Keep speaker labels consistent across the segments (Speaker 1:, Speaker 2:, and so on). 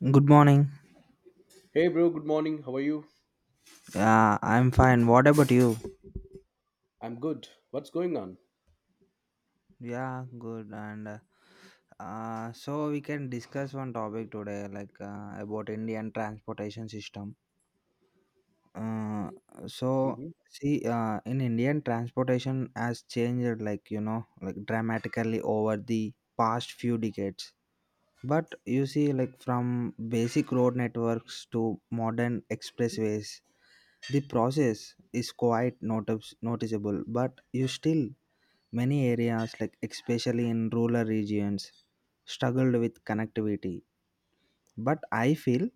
Speaker 1: Good morning.
Speaker 2: Hey, bro, good morning. How are you?
Speaker 1: Yeah, I'm fine. What about you?
Speaker 2: I'm good. What's going on?
Speaker 1: Yeah, good. And so we can discuss one topic today, about Indian transportation system. Uh, so
Speaker 2: hmm
Speaker 1: see, in Indian transportation has changed, like dramatically over the past few decades. But you see, like from basic road networks to modern expressways, the process is quite noticeable. But you still many areas, like especially in rural regions, struggled with connectivity. But I feel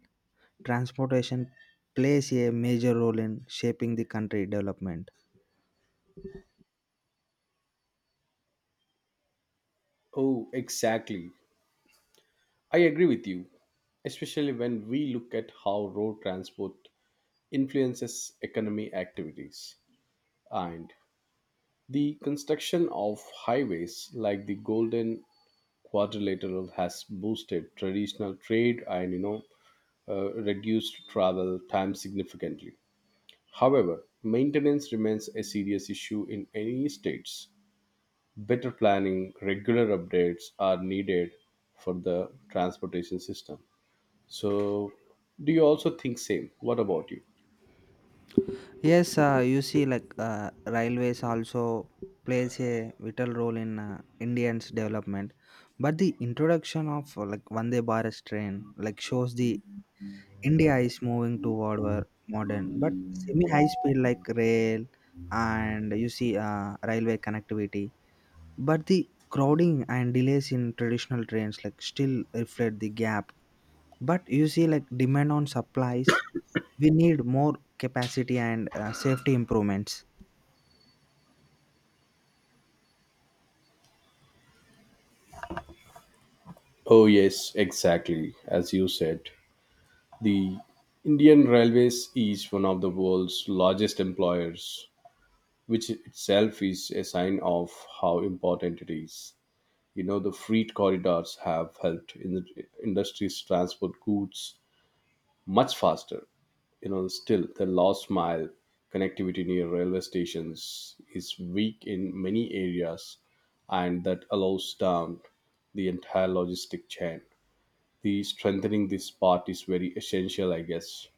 Speaker 1: transportation plays a major role in shaping the country development.
Speaker 2: Oh, exactly. I agree with you, especially when we look at how road transport influences economy activities and the construction of highways like the Golden Quadrilateral has boosted traditional trade and reduced travel time significantly. However, maintenance remains a serious issue in any states. Better planning, regular updates are needed for the transportation system. So, do you also think same? What about you?
Speaker 1: Yes, you see, railways also plays a vital role in Indians' development. But the introduction of like Vande Bharat train like shows the India is moving toward a modern but semi high speed like rail and you see railway connectivity. But the crowding and delays in traditional trains like still reflect the gap. But you see like demand on supplies, we need more capacity and safety improvements.
Speaker 2: Oh, yes, exactly. As you said, the Indian Railways is one of the world's largest employers, which itself is a sign of how important it is. You know, the freight corridors have helped in the industries transport goods much faster. You know, still the last mile connectivity near railway stations is weak in many areas, and that allows down the entire logistic chain. The strengthening this part is very essential, I guess.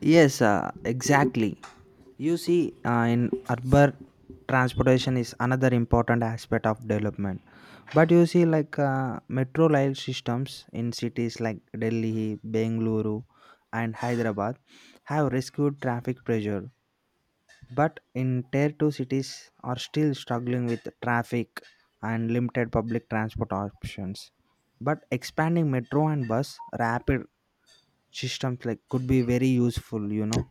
Speaker 1: Yes, exactly. You see, in urban transportation is another important aspect of development. But you see, metro rail systems in cities like Delhi, Bengaluru, and Hyderabad have rescued traffic pressure. But in tier 2 cities are still struggling with traffic and limited public transport options. But expanding metro and bus rapid systems like could be very useful, you know.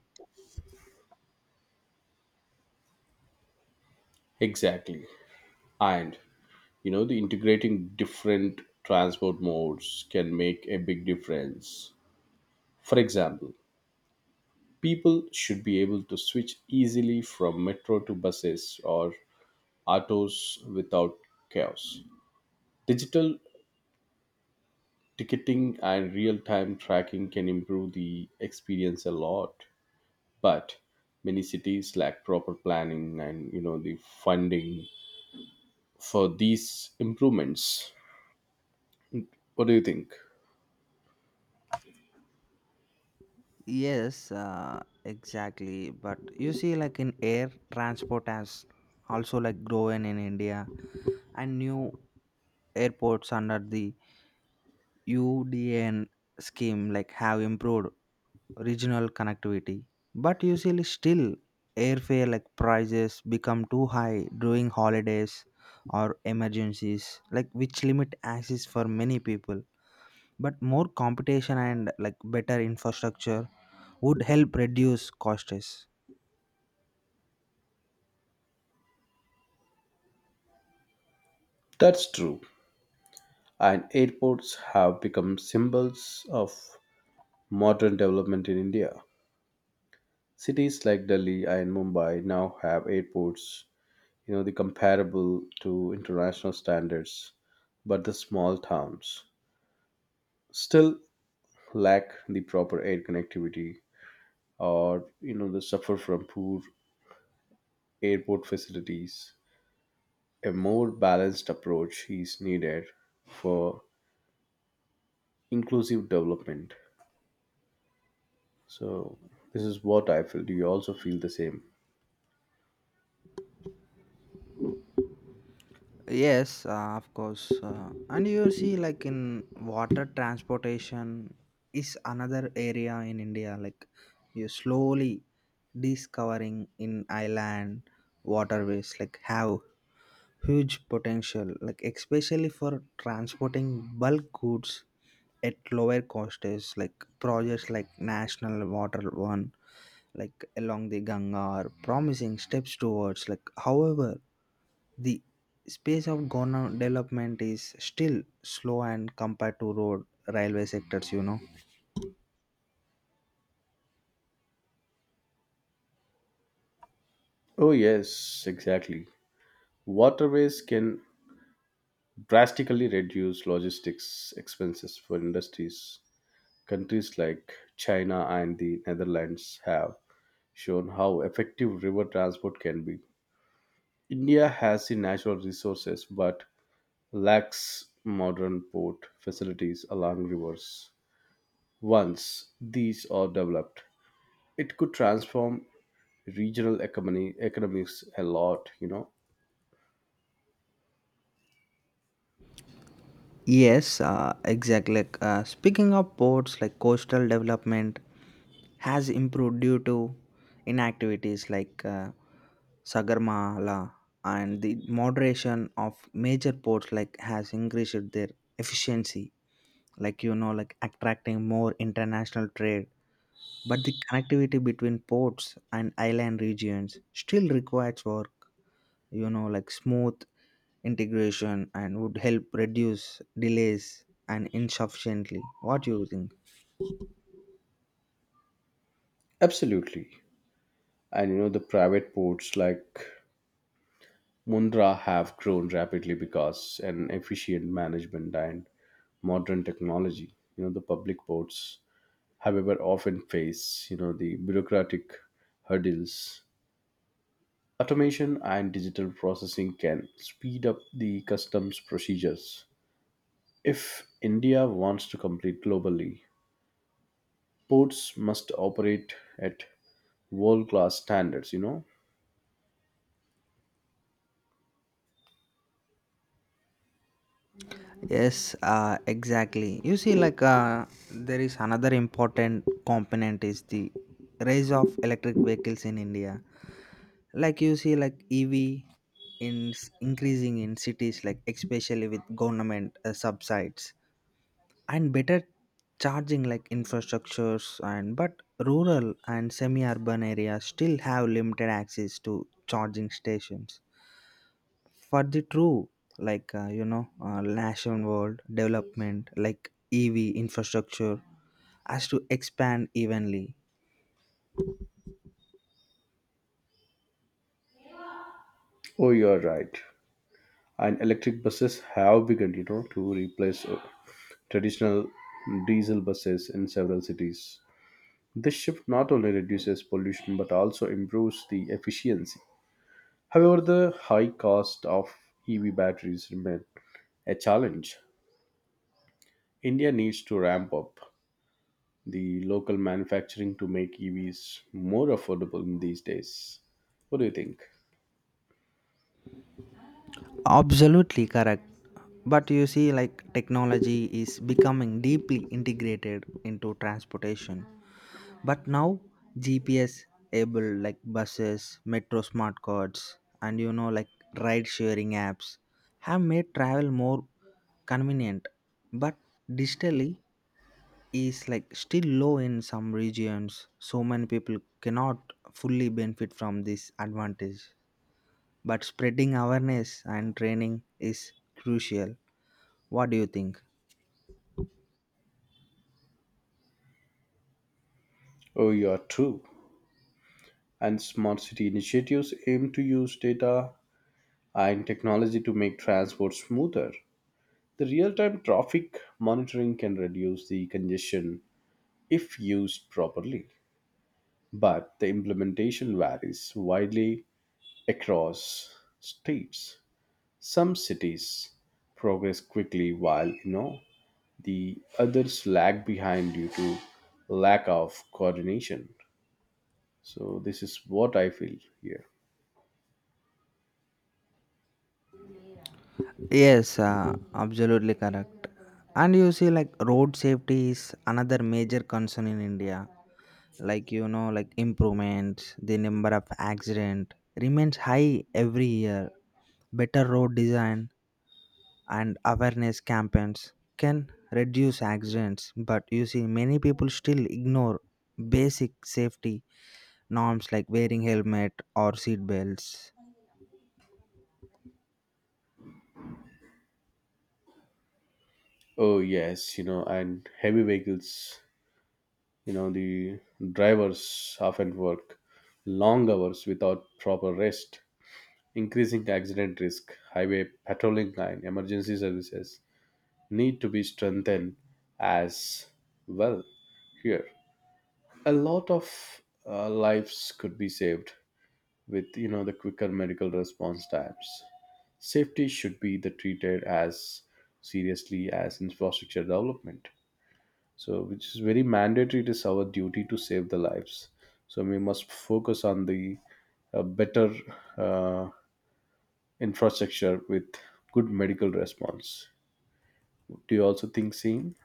Speaker 2: Exactly, and you know the integrating different transport modes can make a big difference. For example, people should be able to switch easily from metro to buses or autos without chaos. Digital ticketing and real time tracking can improve the experience a lot, but many cities lack proper planning and you know the funding for these improvements. What do you think?
Speaker 1: Yes, exactly. But you see, like in air transport has also like grown in India, and new airports under the UDN scheme like have improved regional connectivity. But usually, still airfare like prices become too high during holidays or emergencies, like which limit access for many people. But more competition and like better infrastructure would help reduce costs.
Speaker 2: That's true, and airports have become symbols of modern development in India. Cities like Delhi and Mumbai now have airports, you know, the comparable to international standards. But the small towns still lack the proper air connectivity, or you know they suffer from poor airport facilities. A more balanced approach is needed for inclusive development. So this is what I feel. Do you also feel the same?
Speaker 1: Yes, of course. And you see, like in water transportation is another area in India. Like you slowly discovering in island waterways, like have huge potential. Like especially for transporting bulk goods at lower costs. Like projects like National Water One, like along the Ganga, are promising steps towards. Like however the space of government development is still slow and compared to road railway sectors, you know.
Speaker 2: Oh yes, exactly. Waterways can drastically reduce logistics expenses for industries. Countries like China and the Netherlands have shown how effective river transport can be. India has the natural resources but lacks modern port facilities along rivers. Once these are developed, it could transform regional economy economics a lot, you know.
Speaker 1: Yes, exactly like, speaking of ports like coastal development has improved due to inactivities like sagarmala and the moderation of major ports like has increased their efficiency, like you know, like attracting more international trade. But the connectivity between ports and island regions still requires work, you know, like smooth integration and would help reduce delays and insufficiently. What do you think?
Speaker 2: Absolutely. And you know the private ports like Mundra have grown rapidly because an efficient management and modern technology. You know the public ports, however, often face you know the bureaucratic hurdles. Automation and digital processing can speed up the customs procedures. If India wants to compete globally, ports must operate at world class standards, you know?
Speaker 1: Yes, exactly. You see, there is another important component is the rise of electric vehicles in India. Like you see, like EV in increasing in cities, like especially with government subsides and better charging like infrastructures and but rural and semi-urban areas still have limited access to charging stations for the true national world development like EV infrastructure has to expand evenly.
Speaker 2: Oh, you're right. And electric buses have begun, you know, to replace traditional diesel buses in several cities. This shift not only reduces pollution but also improves the efficiency. However, the high cost of EV batteries remain a challenge. India needs to ramp up the local manufacturing to make EVs more affordable in these days. What do you think?
Speaker 1: Absolutely correct, but you see like technology is becoming deeply integrated into transportation. But now, GPS able like buses, metro smart cards, and you know like ride sharing apps have made travel more convenient, but digitally is like still low in some regions, so many people cannot fully benefit from this advantage. But spreading awareness and training is crucial. What do you think?
Speaker 2: Oh, you are true. And smart city initiatives aim to use data and technology to make transport smoother. The real time traffic monitoring can reduce the congestion if used properly, but the implementation varies widely across states. Some cities progress quickly while you know the others lag behind due to lack of coordination. So this is what I feel here.
Speaker 1: Yes, absolutely correct. And you see, like road safety is another major concern in India. Like you know, like improvements, the number of accident remains high every year. Better road design and awareness campaigns can reduce accidents, but you see, many people still ignore basic safety norms like wearing helmet or seat belts.
Speaker 2: Oh yes, you know, and heavy vehicles, you know, the drivers often work long hours without proper rest, increasing accident risk. Highway patrolling line, emergency services need to be strengthened as well here. A lot of lives could be saved with you know the quicker medical response times. Safety should be the treated as seriously as infrastructure development. So, which is very mandatory. It is our duty to save the lives. So we must focus on the better uh, infrastructure with good medical response. Do you also think same?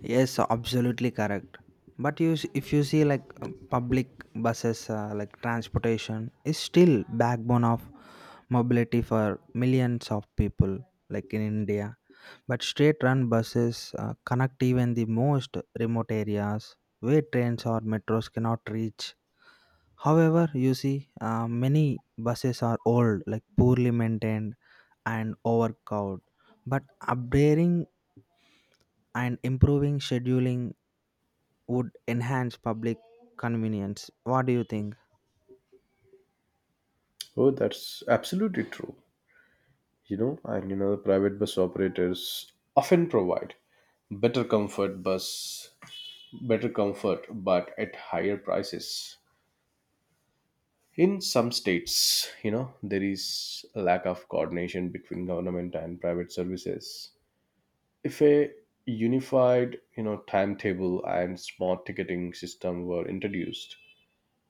Speaker 1: Yes, absolutely correct. But you, if you see like public buses, like transportation is still backbone of mobility for millions of people, like in India. But state-run buses connect even the most remote areas where trains or metros cannot reach. However, you see, many buses are old, like poorly maintained and overcrowded. But upgrading and improving scheduling would enhance public convenience. What do you think?
Speaker 2: Oh, that's absolutely true. You know, and you know, the private bus operators often provide better comfort bus better comfort but at higher prices in some states. You know, there is a lack of coordination between government and private services. If a unified you know timetable and smart ticketing system were introduced,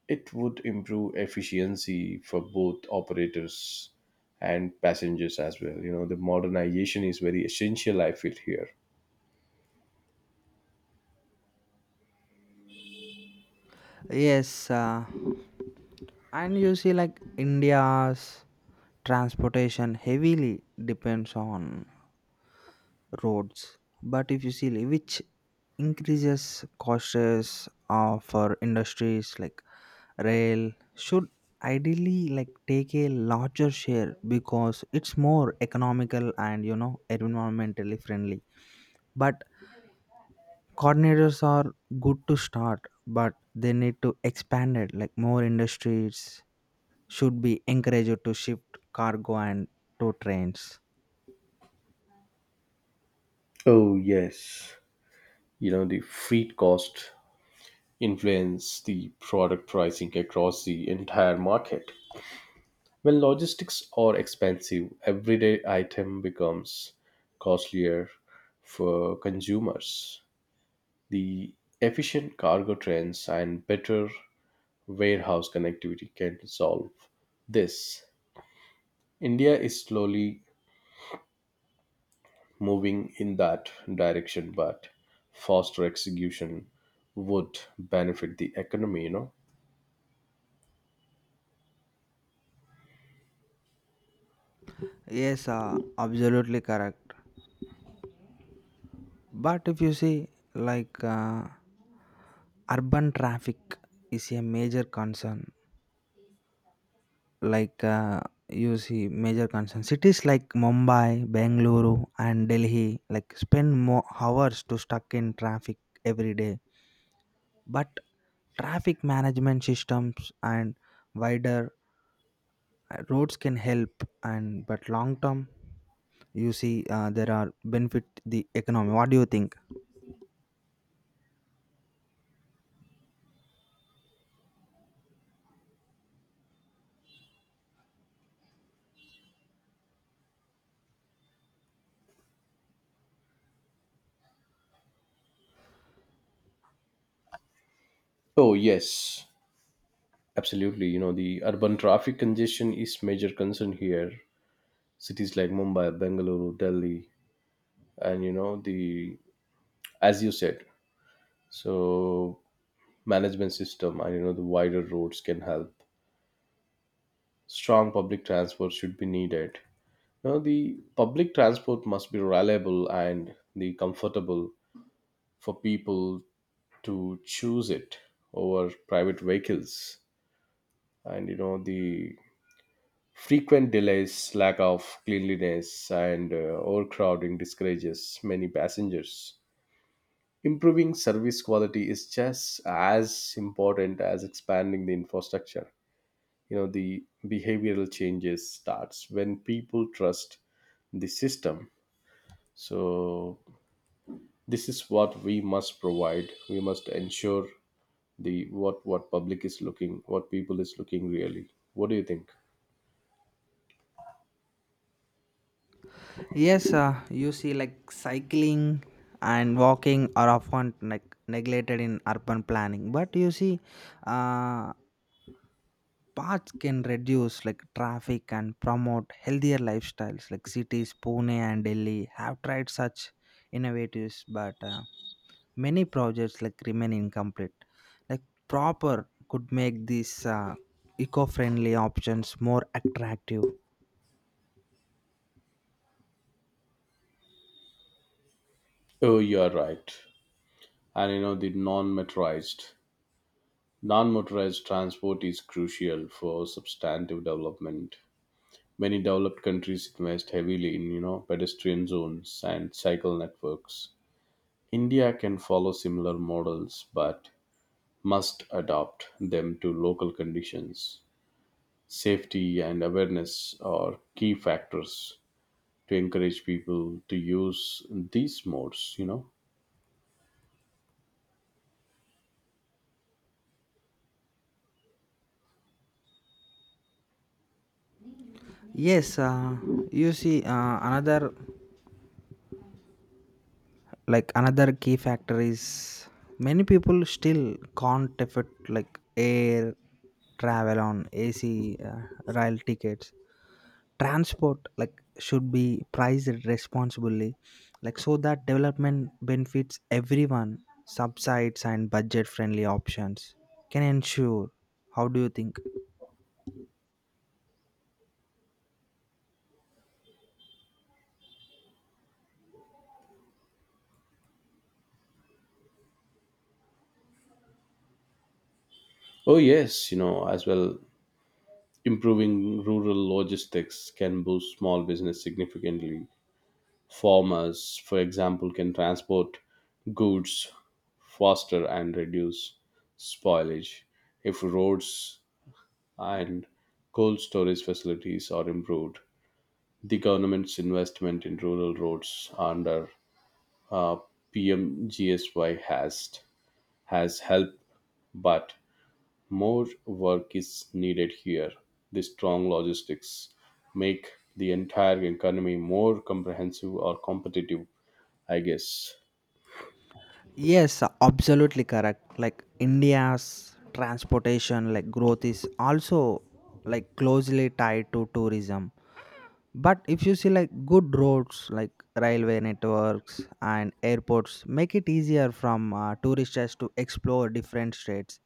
Speaker 2: it would improve efficiency for both operators and passengers as well. You know the modernization is very essential, I feel here.
Speaker 1: Yes, and you see, like India's transportation heavily depends on roads. But if you see, like, which increases costs for industries like rail should ideally like take a larger share because it's more economical and you know environmentally friendly, but coordinators are good to start, but they need to expand it. Like more industries should be encouraged to shift cargo and to trains.
Speaker 2: Oh, yes. You know the freight cost influence the product pricing across the entire market. When logistics are expensive, everyday item becomes costlier for consumers. The efficient cargo trains and better warehouse connectivity can solve this. India is slowly moving in that direction, but faster execution would benefit the economy, you know.
Speaker 1: Yes, absolutely correct. But if you see, like uh, urban traffic is a major concern. Like uh, you see, major concern. Cities like Mumbai, Bengaluru, and Delhi like spend more hours to stuck in traffic every day. But traffic management systems and wider roads can help, and but long term you see there are benefit the economy. What do you think?
Speaker 2: Oh, yes. Absolutely. You know, the urban traffic congestion is major concern here. Cities like Mumbai, Bengaluru, Delhi, and you know the as you said, so management system and you know the wider roads can help. Strong public transport should be needed. Now the public transport must be reliable and the comfortable for people to choose it over private vehicles. And you know the frequent delays, lack of cleanliness, and overcrowding discourages many passengers. Improving service quality is just as important as expanding the infrastructure. You know, the behavioral changes starts when people trust the system. So this is what we must provide. We must ensure the what public is looking, what people is looking really. What do you think?
Speaker 1: Yes, you see like cycling and walking are often like neglected in urban planning, but you see, uh, paths can reduce like traffic and promote healthier lifestyles. Like cities pune and delhi have tried such innovatives, but many projects like remain incomplete, like proper could make these eco-friendly options more attractive.
Speaker 2: Oh, you are right. And you know the non-motorized Non-motorized transport is crucial for substantive development. Many developed countries invest heavily in, you know, pedestrian zones and cycle networks. India can follow similar models but must adapt them to local conditions. Safety and awareness are key factors to encourage people to use these modes, you know.
Speaker 1: Yes, you see another like another key factor is many people still can't afford like air travel on ac rail tickets transport like should be priced responsibly, like so that development benefits everyone. Subsides and budget friendly options can ensure. How do you think?
Speaker 2: Oh yes, you know, as well improving rural logistics can boost small business significantly. Farmers, for example, can transport goods faster and reduce spoilage if roads and cold storage facilities are improved. The government's investment in rural roads under uh, PMGSY has helped, but more work is needed here. The strong logistics make the entire economy more comprehensive or competitive, I guess.
Speaker 1: Yes, absolutely correct. Like india's transportation like growth is also like closely tied to tourism. But if you see like good roads like railway networks and airports make it easier from tourists just to explore different states.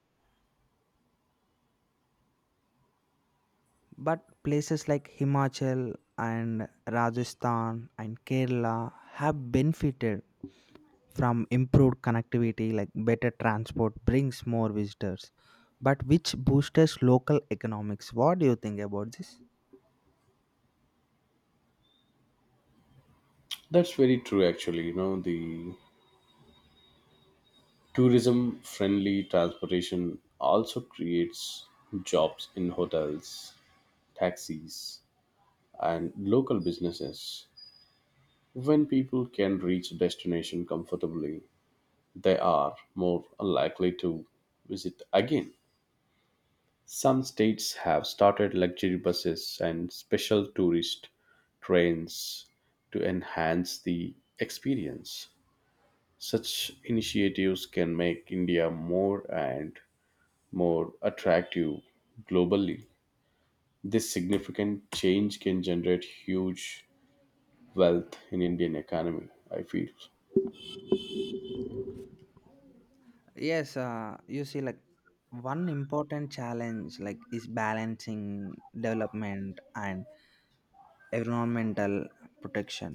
Speaker 1: But places like Himachal and Rajasthan and Kerala have benefited from improved connectivity, like better transport brings more visitors, but which boosts local economics. What do you think about this?
Speaker 2: That's very true, actually. You know, the tourism friendly transportation also creates jobs in hotels, taxis, and local businesses. When people can reach a destination comfortably, they are more likely to visit again. Some states have started luxury buses and special tourist trains to enhance the experience. Such initiatives can make India more and more attractive globally. This significant change can generate huge wealth in Indian economy, I feel.
Speaker 1: Yes, you see, like one important challenge like is balancing development and environmental protection.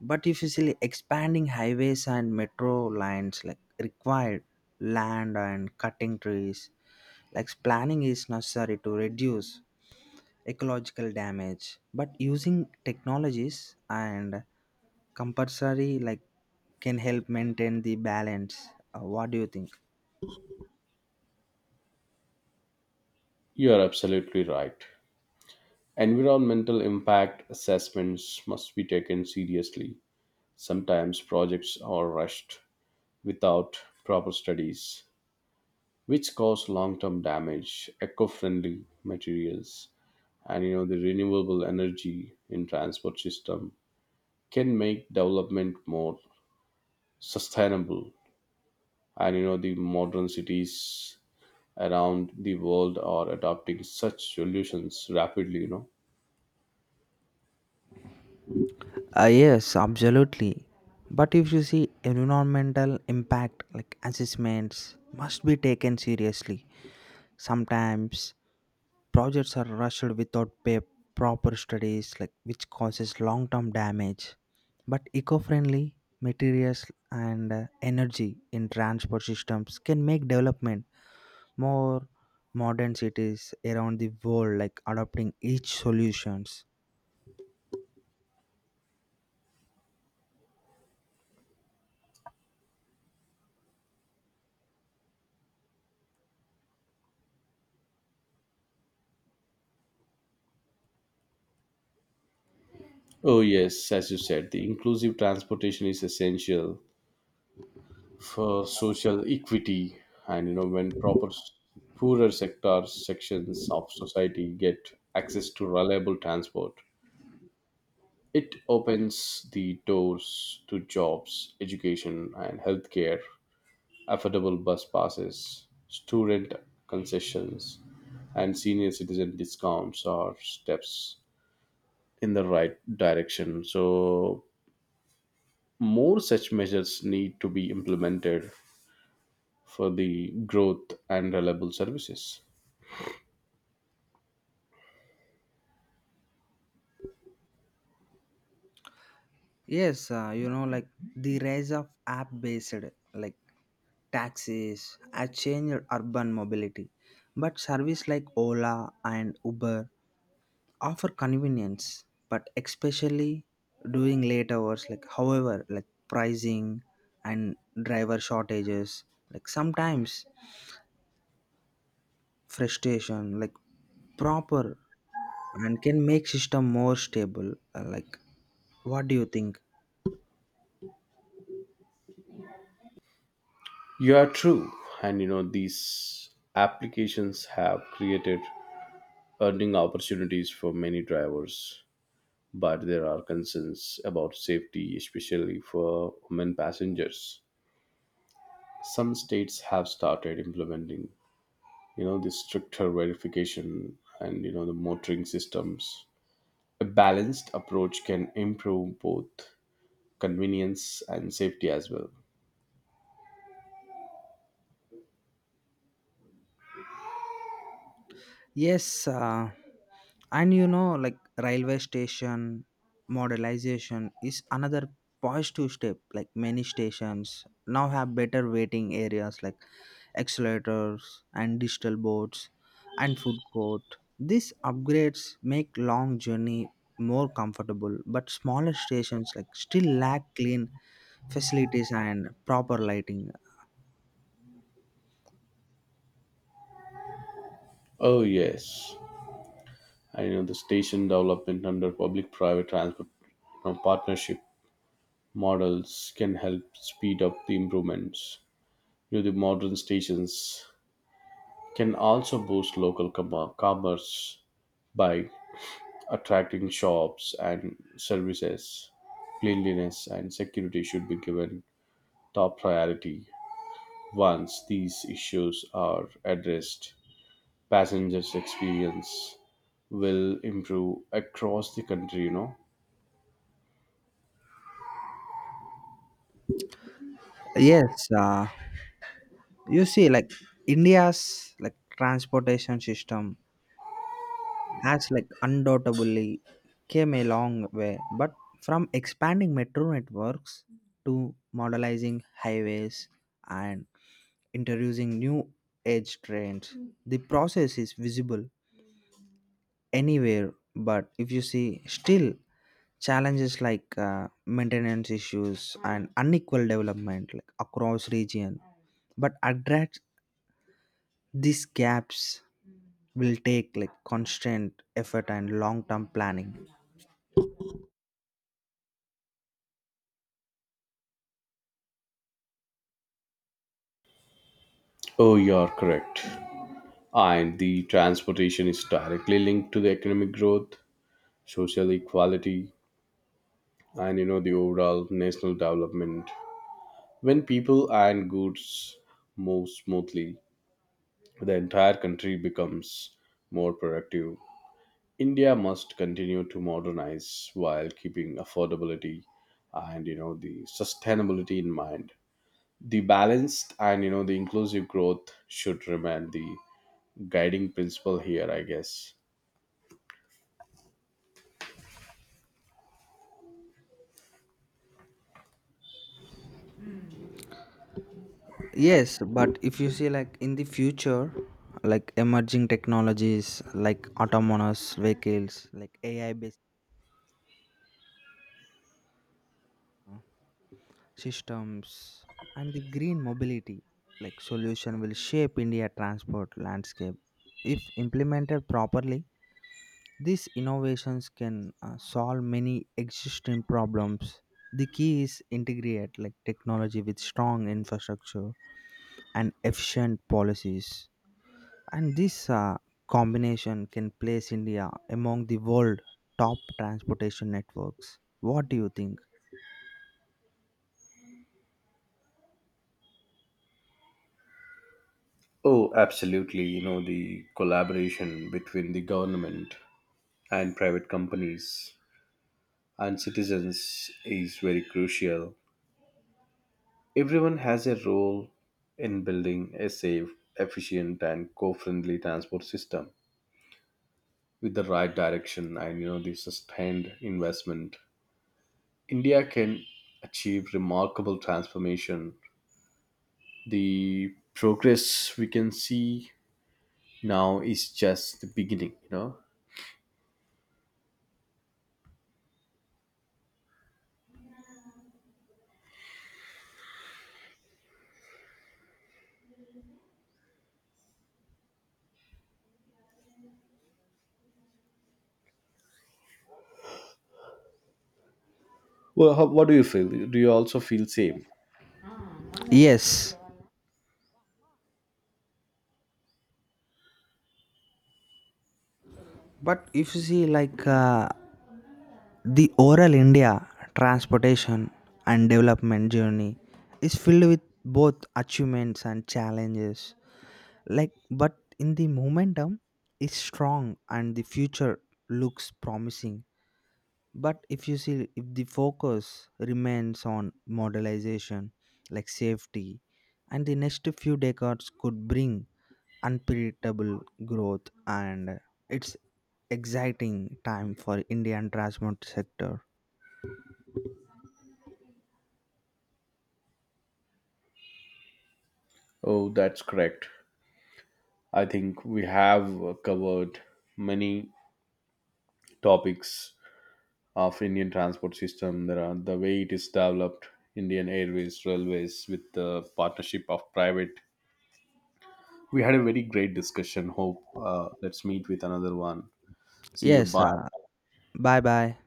Speaker 1: But if you see expanding highways and metro lines like required land and cutting trees, like planning is necessary to reduce ecological damage. But using technologies and compulsory like can help maintain the balance. What do you think?
Speaker 2: You are absolutely right. Environmental impact assessments must be taken seriously. Sometimes projects are rushed without proper studies, which cause long term damage. Eco friendly materials and you know the renewable energy in transport system can make development more sustainable, and you know the modern cities around the world are adopting such solutions rapidly, you know.
Speaker 1: Yes, absolutely. But if you see environmental impact like assessments must be taken seriously. Sometimes projects are rushed without proper studies, like which causes long-term damage. But eco-friendly materials and energy in transport systems can make development more modern cities around the world, like adopting each solutions.
Speaker 2: Oh yes, as you said, the inclusive transportation is essential for social equity, and you know when poorer sectors sections of society get access to reliable transport. It opens the doors to jobs, education, and healthcare. Affordable bus passes, student concessions, and senior citizen discounts are steps in the right direction. So, more such measures need to be implemented for the growth and reliable services.
Speaker 1: Yes, you know, like the rise of app-based like taxis has changed urban mobility, but service like Ola and Uber offer convenience but especially during late hours, like however like pricing and driver shortages like sometimes frustration, like proper and can make system more stable. Like what do you think?
Speaker 2: You are true, and you know, these applications have created earning opportunities for many drivers, but there are concerns about safety, especially for women passengers. Some states have started implementing, you know, the stricter verification and you know the motoring systems. A balanced approach can improve both convenience and safety as well.
Speaker 1: Yes, and you know, like railway station modernization is another positive step. Like many stations now have better waiting areas like accelerators and digital boards and food court. These upgrades make long journey more comfortable, but smaller stations like still lack clean facilities and proper lighting.
Speaker 2: Oh yes, I know the station development under public-private transport you know, partnership models can help speed up the improvements. You know, the modern stations can also boost commerce by attracting shops and services. Cleanliness and security should be given top priority. Once these issues are addressed, passengers' experience will improve across the country, you know.
Speaker 1: Yes, you see, like India's like transportation system has like undoubtedly came a long way, but from expanding metro networks to modernizing highways and introducing new age trains, the process is visible anywhere. But if you see, still challenges like maintenance issues and unequal development like across region, but address these gaps will take like constant effort and long term planning.
Speaker 2: Oh, you're correct. And the transportation is directly linked to the economic growth, social equality, and you know the overall national development. When people and goods move smoothly, the entire country becomes more productive. India must continue to modernize while keeping affordability and you know the sustainability in mind. The balanced and you know the inclusive growth should remain the guiding principle here, I guess.
Speaker 1: Yes, but if you see like in the future, like emerging technologies like autonomous vehicles, like AI based systems, and the green mobility like solution will shape India transport landscape. If implemented properly, these innovations can solve many existing problems. The key is integrate like technology with strong infrastructure and efficient policies, and this combination can place India among the world top transportation networks. What do you think?
Speaker 2: Oh, absolutely. You know, the collaboration between the government and private companies and citizens is very crucial. Everyone has a role in building a safe, efficient, and co-friendly transport system. With the right direction and you know the sustained investment, India can achieve remarkable transformation. The progress we can see now is just the beginning, you know. Well, how, what do you feel? Do you also feel same?
Speaker 1: Yes, but if you see like the oral India transportation and development journey is filled with both achievements and challenges. Like, but in the momentum is strong and the future looks promising. But if you see, if the focus remains on modelization, like safety, and the next few decades could bring unpredictable growth, and it's exciting time for Indian transport sector.
Speaker 2: Oh, that's correct. I think we have covered many topics of Indian transport system. There are the way it is developed, Indian Airways, railways, with the partnership of private. We had a very great discussion. Hope let's meet with another one. See you.
Speaker 1: Yes,
Speaker 2: Bye.
Speaker 1: bye bye.